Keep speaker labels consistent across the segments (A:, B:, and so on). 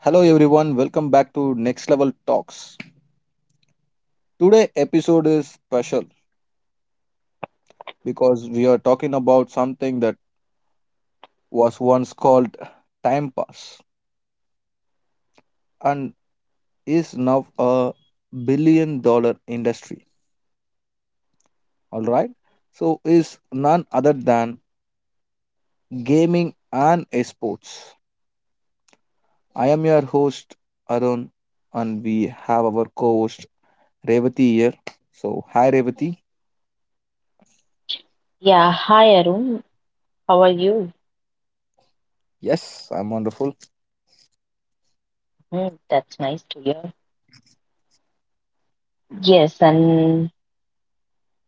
A: Hello everyone, welcome back to Next Level Talks. Today episode is special because we are talking about something that was once called time pass and is now a billion dollar industry. All right? So is none other than gaming and esports. I am your host Arun and we have our co-host Revati here. So hi Revati.
B: Yeah, hi Arun. How are you?
A: Yes, I'm wonderful.
B: Hmm, that's nice to hear. Yes, and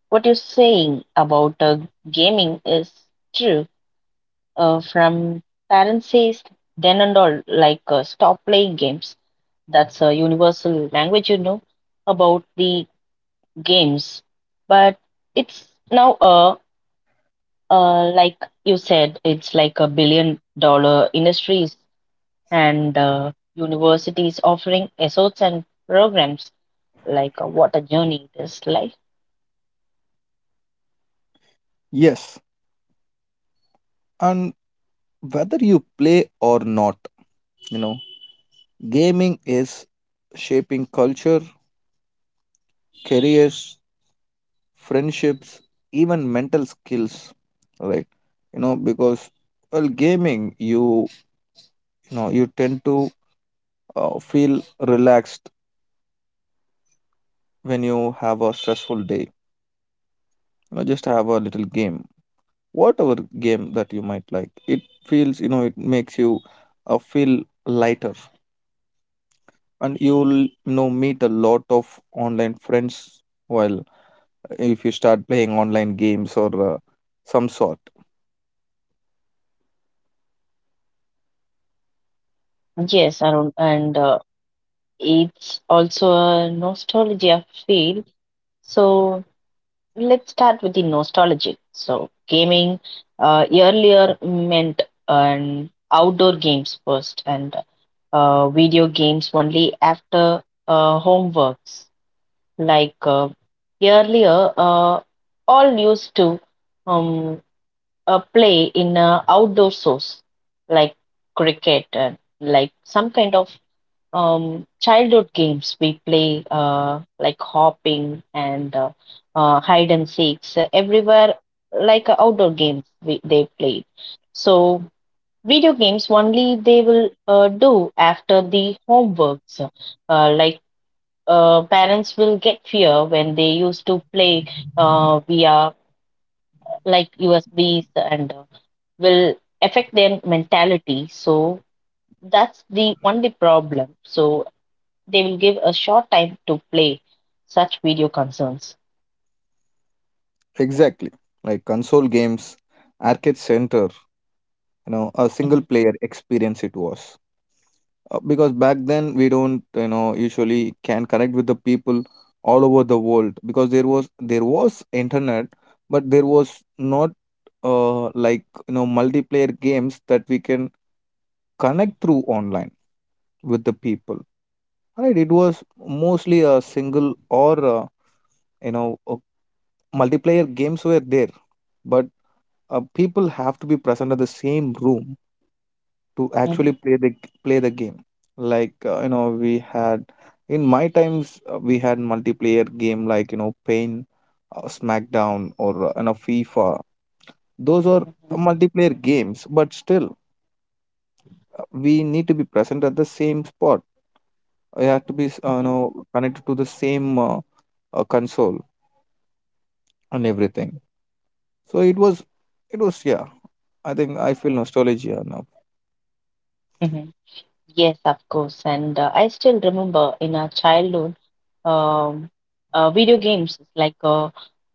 B: what you're saying about gaming is true. From parents says then and all, like stop playing games. That's a universal language about the games. But it's now like you said, it's like a $1 billion industry and universities offering assorts and programs like what a journey it is like.
A: Yes. and. Whether you play or not, you know, gaming is shaping culture, careers, friendships, even mental skills, right? You know, because, well, gaming, you know you tend to feel relaxed. When you have a stressful day, you know, just have a little game, whatever game that you might like. It feels, you know, it makes you feel lighter, and you'll you know meet a lot of online friends while, if you start playing online games or some sort.
B: Yes, Arun, and it's also a nostalgia field. So let's start with the nostalgic. So gaming earlier meant an outdoor games first, and video games only after homeworks. Like earlier, all used to. Um, Play in outdoor source like cricket and like some kind of childhood games we play like hopping and hide and seeks everywhere like outdoor games they played so video games only they will do after the homeworks uh, like parents will get fear when they used to play via like USBs and will affect their mentality. So that's the only problem. So they will give a short time to play such video concerns.
A: Exactly. Like console games, arcade center, you know, a single
B: Mhm,
A: player experience it was. Because back then we don't, you know, usually can connect with the people all over the world, because there was internet, but there was not like, you know, multiplayer games that we can connect through online with the people. Right? It was mostly a single or you know, a multiplayer games were there, but people have to be present at the same room to actually
B: mhm,
A: play the game. Like you know, we had in my times we had multiplayer game like, you know, Pain, SmackDown, or you know, FIFA. Those are
B: mhm,
A: multiplayer games, but still we need to be present at the same spot. I had to be you
B: mhm,
A: know, connected to the same console and everything. So it was, it was, yeah. I think I feel nostalgia now.
B: mhm. Yes, of course. And I still remember in our childhood, um, video games like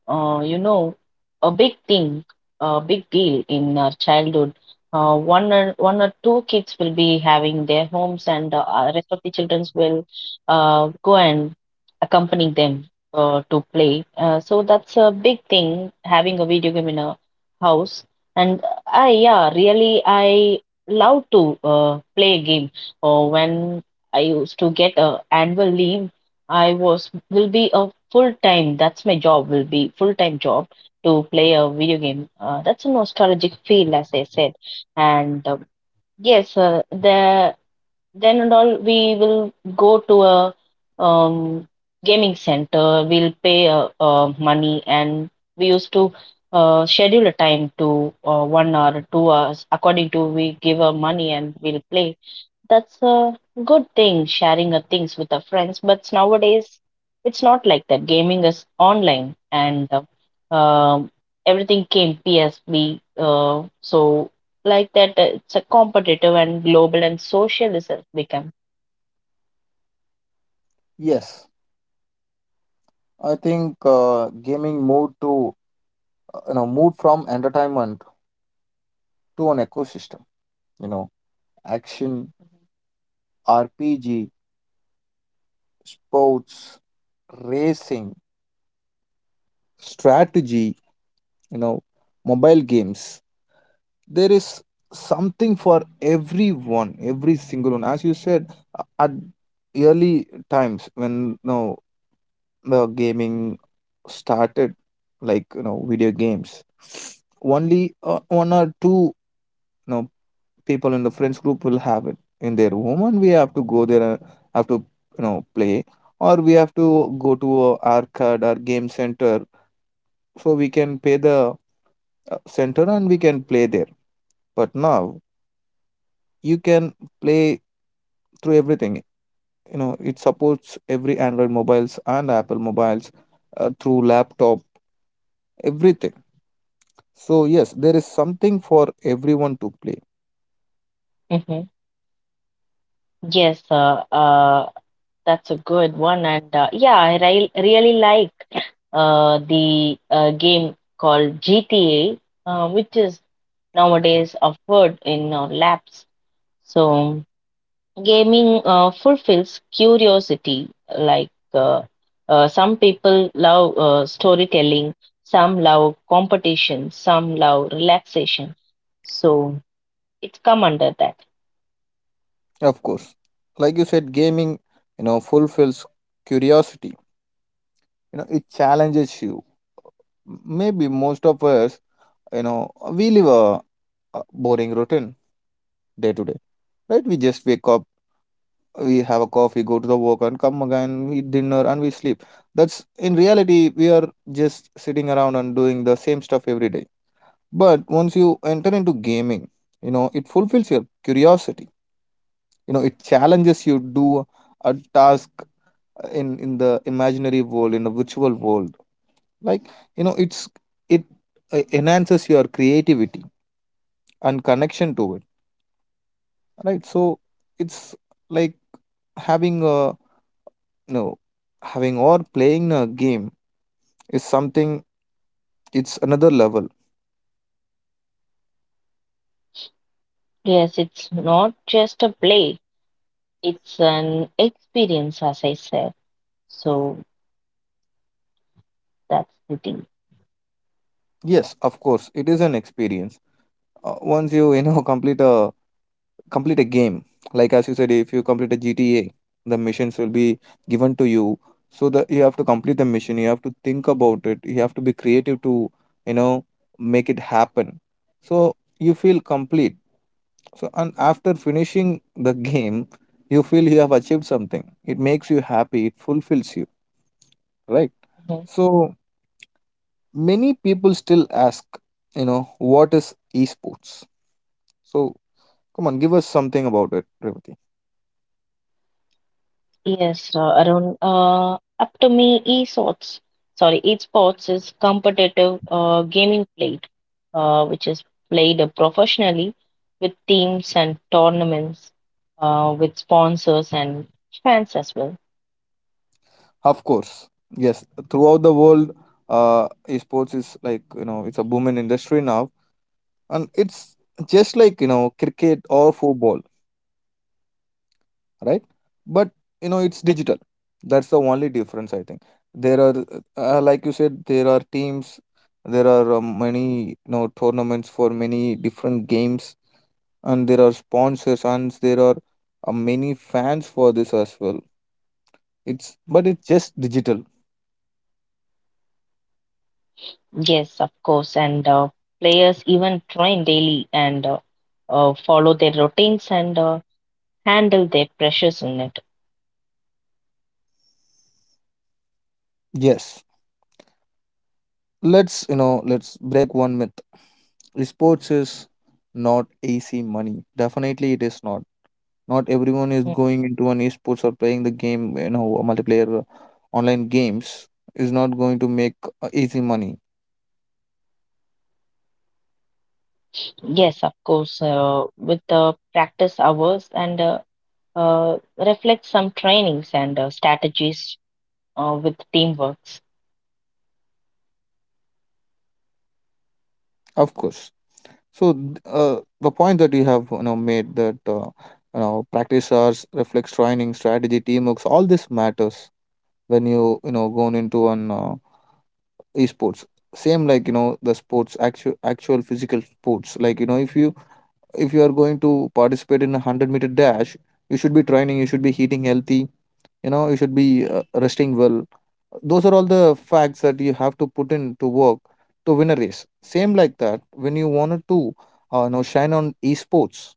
B: uh, you know, a big thing, a big deal in our childhood. One or two kids will be having their homes, and the rest of the children will go and accompany them to play. So that's a big thing having a video game in a house. And I yeah, really I love to play a game. When I used to get a annual leave I was will be a full time. That's my job. Will be full time job to play a video game. That's a nostalgic feel, as I said. And yes, the then and all we will go to a um, gaming center. We'll pay money, and we used to schedule a time to 1 hour, 2 hours according to we give a money and we'll play that's a good thing, sharing things with our friends. But nowadays, it's not like that. Gaming is online, and everything came PSB. So like that, it's a competitive and global and social is has become.
A: Yes, I think gaming moved to you know, moved from entertainment to an ecosystem. You know, action, RPG, sports, racing, strategy. You know, mobile games. There is something for everyone, every single one. As you said, at early times, when, you know, the gaming started, like, you know, video games, only one or two, you know, people in the friends group will have it in their home, and we have to go there, have to, you know, play, or we have to go to a arcade or game center, so we can pay the center and we can play there. But now you can play through everything. You know, it supports every android mobiles and apple mobiles, through laptop, everything. So yes, there is something for everyone to play.
B: Hmm Yes, that's a good one, and yeah, I re really like the game called GTA, which is nowadays offered in our labs. So gaming fulfills curiosity like some people love storytelling, some love competition, some love relaxation, so it's come under that.
A: Of course, like you said, gaming, you know, fulfills curiosity. You know, it challenges you. Maybe most of us, you know, we live a boring routine day to day, right? We just wake up, we have a coffee, go to the work, and come again, we eat dinner and we sleep. That's in reality we are just sitting around and doing the same stuff every day. But once you enter into gaming, you know, it fulfills your curiosity. You know, it challenges you to do a task in the imaginary world, in a virtual world. Like, you know, it's, it enhances your creativity and connection to it, right? So it's like having a, you know, having or playing a game is something. It's another level.
B: Yes, it's not just a play, it's an experience, as I said. So that's the thing.
A: Yes, of course, it is an experience. Once you, you know, complete a game, like as you said, if you complete a GTA, the missions will be given to you, so that you have to complete the mission. You have to think about it, you have to be creative to, you know, make it happen, so you feel complete. So, and after finishing the game, you feel you have achieved something. It makes you happy, it fulfills you, right? So many people still ask, you know, what is esports. So come on, give us something about it, Revati.
B: Yes, Arun. Up to me, esports. Sorry, esports is competitive gaming played, which is played professionally with teams and tournaments, with sponsors and fans as well.
A: Of course, yes. Throughout the world, uh, sports is, like, you know, it's a booming industry now, and it's just like, you know, cricket or football, right? But, you know, it's digital. That's the only difference, I think. There are, like you said, there are teams. There are many, you know, tournaments for many different games, and there are sponsors, and there are many fans for this as well. It's, but it's just digital.
B: Yes, of course. And players even train daily and follow their routines and handle their pressures in it.
A: Yes. Let's, you know, let's break one myth. Sports is not easy money. Definitely it is not. Not everyone is
B: Mm.
A: going into an esports or playing the game, you know, multiplayer online games is not going to make easy money.
B: Yes, of course. With the practice hours and reflects some trainings and strategies with teamworks.
A: Of course. So the point that you have, you know, made that, you know, practice hours, reflex training, strategy, teamwork, all this matters when you know, going into an esports. Same like, you know, the sports, actual physical sports. Like, you know, if you, if you are going to participate in a 100-meter dash, you should be training, you should be eating healthy, you know, you should be resting well. Those are all the facts that you have to put in to work to win a race. Same like that, when you wanted to you know, shine on esports,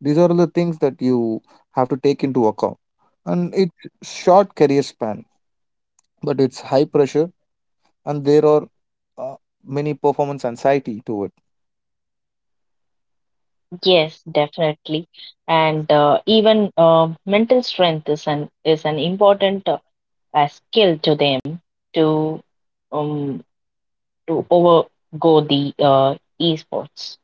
A: these are the things that you have to take into account. And it's short career span, but it's high pressure, and there are uh, many performance anxiety to it.
B: Yes, definitely, and even mental strength is an important skill to them to um overgo the esports.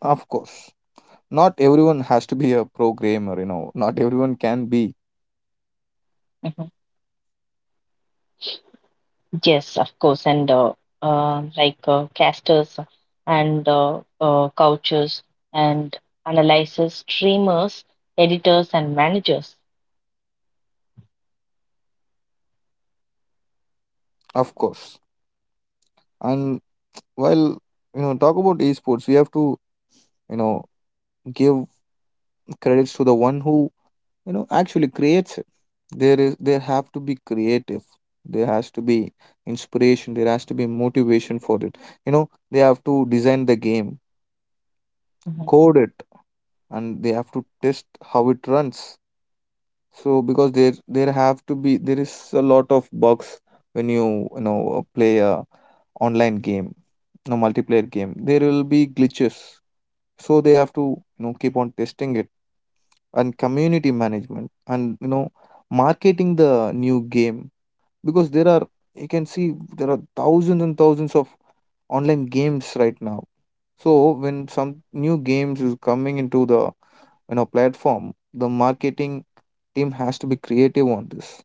A: Of course, not everyone has to be a programmer. You know, not everyone can be.
B: Mhm. Yes, of course, and casters and coaches and analyzers, streamers, editors, and managers.
A: Of course. And while, you know, talk about esports, we have to, you know, give credits to the one who, you know, actually creates it. There is, there have to be creative, there has to be inspiration, there has to be motivation for it. You know, they have to design the game,
B: Mhm.
A: code it, and they have to test how it runs. So because there have to be, there is a lot of bugs when you know, play a online game, no, multiplayer game. There will be glitches. So they have to, you know, keep on testing it. And community management, and, you know, marketing the new game, because there are, you can see there are thousands and thousands of online games right now. So when some new games is coming into the, you know, platform, the marketing team has to be creative on this,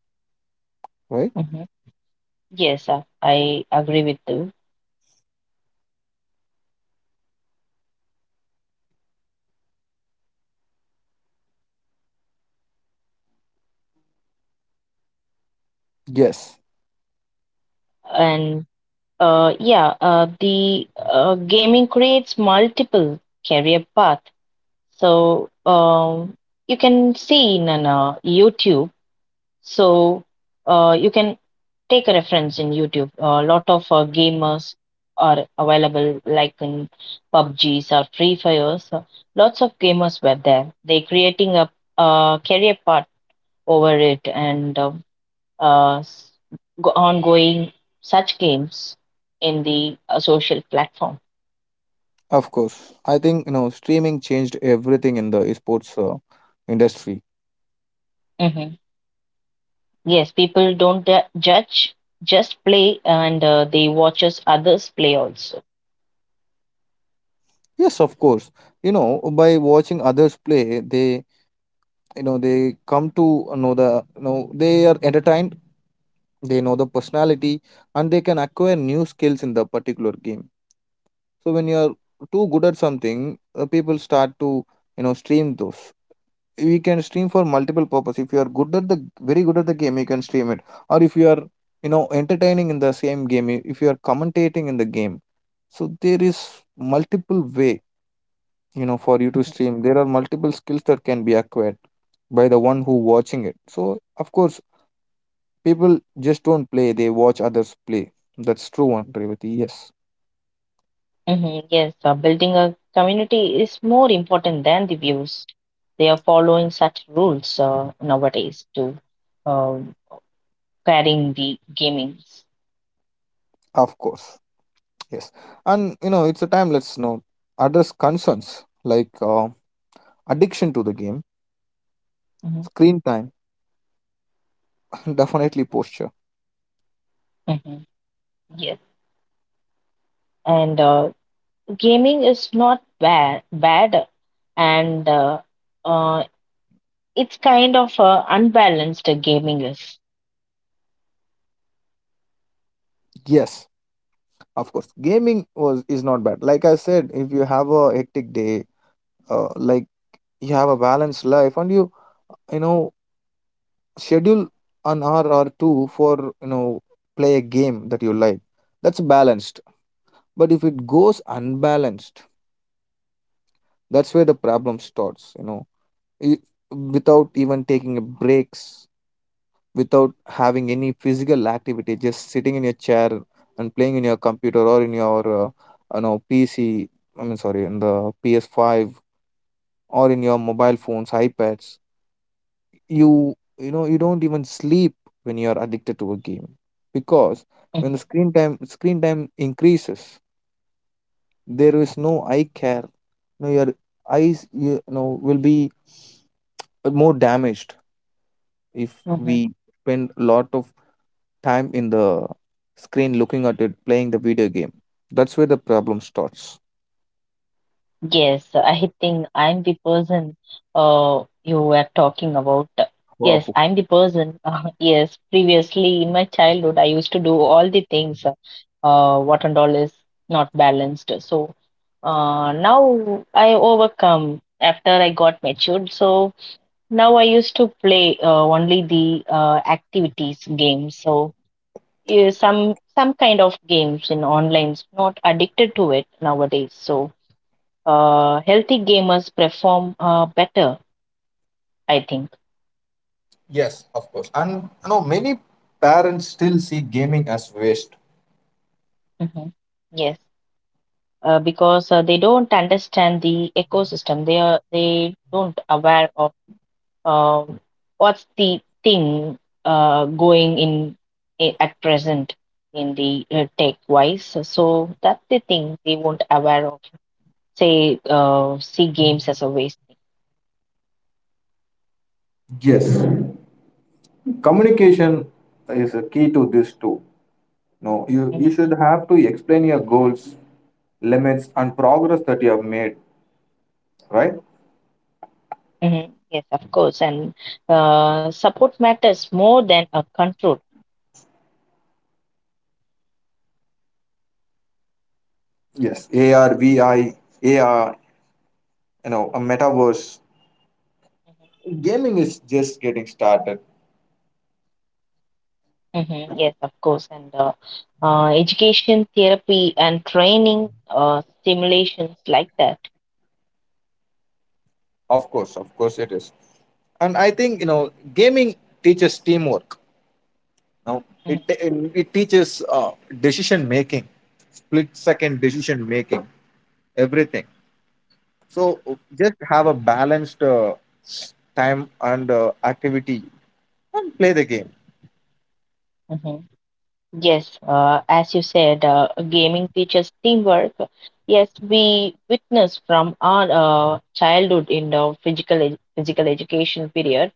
A: right?
B: Mhm. Yes, I agree with you.
A: Yes,
B: And yeah, the gaming creates multiple career path. So you can see in YouTube. So you can take a reference in YouTube. A lot of gamers are available, like in PUBGs or Free Fires. So lots of gamers were there. They creating a career path over it, and uh, s- ongoing such games in the social platform.
A: of course. I think, you know, streaming changed everything in the sports industry.
B: Hmm Yes, people don't judge, just play, and they watches others play also.
A: Yes, of course. You know, by watching others play, they, you know, they come to know the, you know, they are entertained. They know the personality, and they can acquire new skills in the particular game. So when you are too good at something, people start to, you know, stream those. We can stream for multiple purpose. If you are good at the, very good at the game, you can stream it, or if you are, you know, entertaining in the same game, if you are commentating in the game, so there is multiple way, you know, for you to stream. There are multiple skills that can be acquired by the one who watching it. So of course people just don't play, they watch others play. That's true one, Revati. Yes,
B: Hmm Yes, building a community is more important than the views. They are following such rules nowadays to uh, carrying the gamings.
A: of course. Yes. And, you know, it's a time, let's, you know, address concerns like addiction to the game,
B: Hmm
A: screen time, definitely posture.
B: hmm Yes, and gaming is not bad, bad, and uh, it's kind of unbalanced gaming is.
A: Yes, of course. Gaming was, is not bad. Like I said, if you have a hectic day, like, you have a balanced life, and you know, schedule an hour or two for, you know, play a game that you like. That's balanced. But if it goes unbalanced, that's where the problem starts. You know, it, without even taking a breaks, without having any physical activity, just sitting in your chair and playing in your computer, or in your, you know, pc, I mean, sorry, in the PS5, or in your mobile phones, ipads, you know, you don't even sleep when you are addicted to a game. Because when the
B: Mhm,
A: screen time increases, there is no eye care. You know, your eyes, you know, will be more damaged if we
B: mhm.
A: spend a lot of time in the screen looking at it, playing the video game. That's where the problem starts.
B: Yes, I think I'm the person you were talking about. Yes,
A: Wow.
B: I'm the person. Yes, previously in my childhood, I used to do all the things. What and all is not balanced. So now I overcome after I got matured. So now I used to play only the activities games, so some some kind of games in online. Not addicted to it nowadays. So healthy gamers perform better, I think.
A: Yes, of course. And, you know, many parents still see gaming as waste.
B: Hmm Yes, because they don't understand the ecosystem. They don't aware of Um, what's the thing going in at present in the tech wise. So that's the thing they won't aware of. Say, see games as a waste thing.
A: Yes, communication is a key to this too. No, you
B: Mhm.
A: should have to explain your goals, limits, and progress that you have made, right?
B: mhm. Yes, of course. And support matters more than a control.
A: Yes, ARVIAR, you know, a metaverse.
B: Mhm,
A: Gaming is just getting started.
B: mhm. Yes, of course. And education, therapy, and training stimulations like that.
A: Of course it is. And I think, you know, gaming teaches teamwork. Now
B: Mhm,
A: it teaches decision making, split second decision making, everything. So just have a balanced time and activity, and play the game.
B: mhm. Yes, as you said, gaming teaches teamwork. Yes, we witness from our childhood in the physical education period.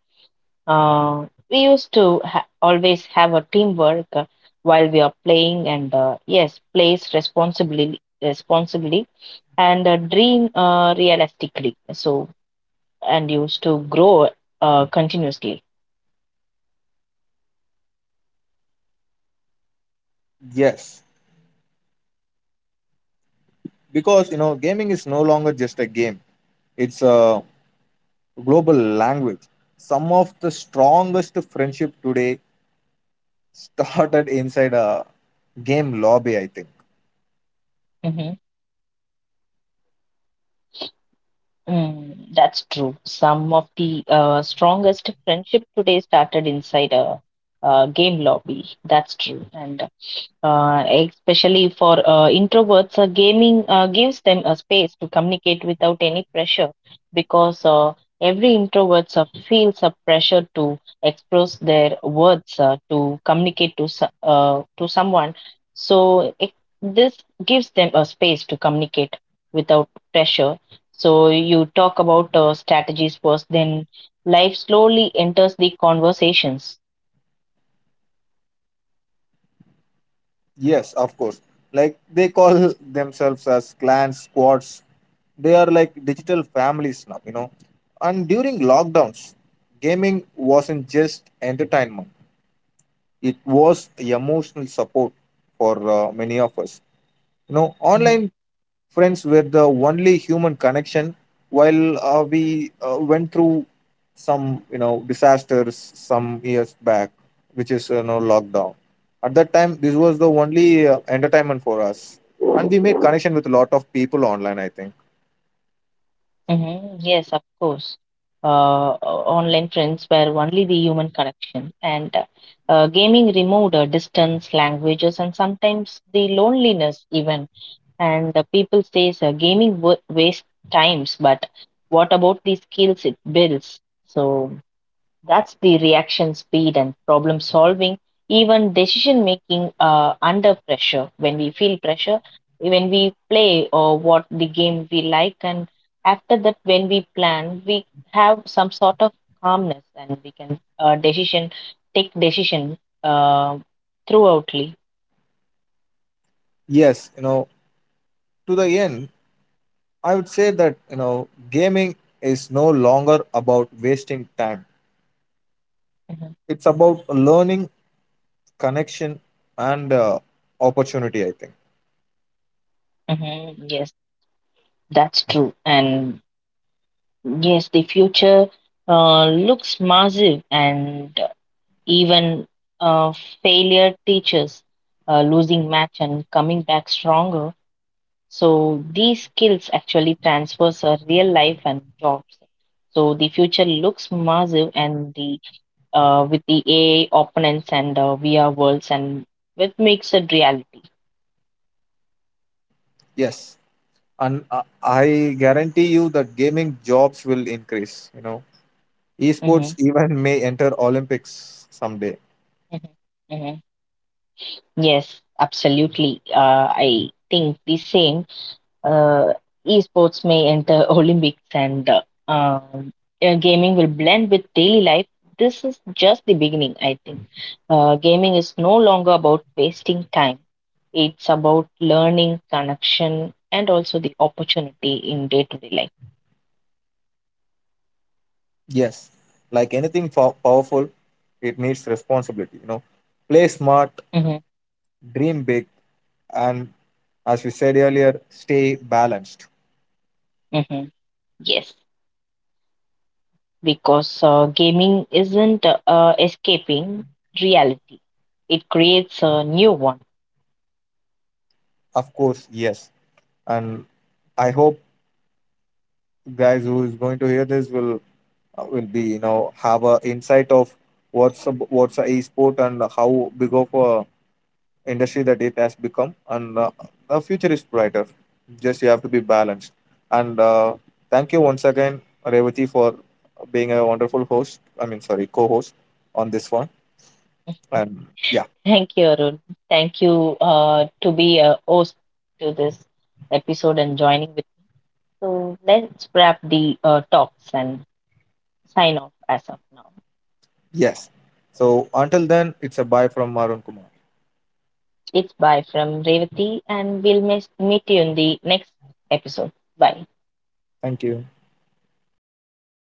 B: We used to ha always have a teamwork while we are playing, and yes, plays responsibly, and dream realistically. So, and used to grow continuously.
A: Yes, because, you know, gaming is no longer just a game. It's a global language. Some of the strongest friendship today started inside a game lobby, I think.
B: Mm-hmm. Mm, that's true. Some of the strongest friendship today started inside a, game lobby. That's true. And especially for introverts, gaming gives them a space to communicate without any pressure because every introvert feels a pressure to express their words to communicate to someone. So this gives them a space to communicate without pressure. So you talk about strategies first, then life slowly enters the conversations.
A: Yes, of course. Like they call themselves as clans, squads. They are like digital families now, you know. And during lockdowns, gaming wasn't just entertainment, it was emotional support for many of us. You know,
B: Mm-hmm.
A: online friends were the only human connection while we went through some, you know, disasters some years back, which is, you know, lockdown. At that time, this was the only entertainment for us. And we made connection with a lot of people online, I think.
B: hmm Yes, of course. Online friends were only the human connection, and gaming removed distance, languages, and sometimes the loneliness even. And people says gaming w wastes times, but what about the skills it builds? So that's the reaction speed and problem solving, even decision making under pressure. When we feel pressure, when we play or what the game we like, and after that, when we plan, we have some sort of calmness and we can decision take decision uh, throughoutly.
A: Yes, you know, to the end, I would say that, you know, gaming is no longer about wasting time.
B: Mhm.
A: It's about learning, connection, and opportunity, I think.
B: Mm-hmm. Yes, that's true. And yes, the future looks massive, and even uh, failure teaches losing match and coming back stronger. So these skills actually transfers a real life and jobs. So the future looks massive, and the with the AI opponents and VR worlds, and what makes it reality.
A: Yes. And I guarantee you that gaming jobs will increase. You know, esports
B: Hmm
A: even may enter Olympics someday.
B: hmm hmm Yes, absolutely. I think the same. uh, Esports may enter Olympics and um, gaming will blend with daily life. This is just the beginning, I think. Gaming is no longer about wasting time, it's about learning, connection, and also the opportunity in day to day life.
A: Yes, like anything powerful, it needs responsibility. You know, play smart,
B: Mhm,
A: dream big, and, as we said earlier, stay balanced.
B: mhm. Yes, because gaming isn't escaping reality, it creates a new one.
A: Of course, yes. And I hope guys who is going to hear this will be, you know, have a insight of what's a e sport, and how big of a industry that it has become. And the future is brighter. Just you have to be balanced. And thank you once again, Revati, for being a wonderful host. I mean, sorry, co-host on this one. And yeah,
B: Thank you, Arun. Thank you to be a host to this episode and joining with. So let's wrap the talks and sign off as of now.
A: yes. So until then, it's a bye from Marun Kumar.
B: It's bye from Revati, and we'll meet you in the next episode. Bye.
A: Thank you.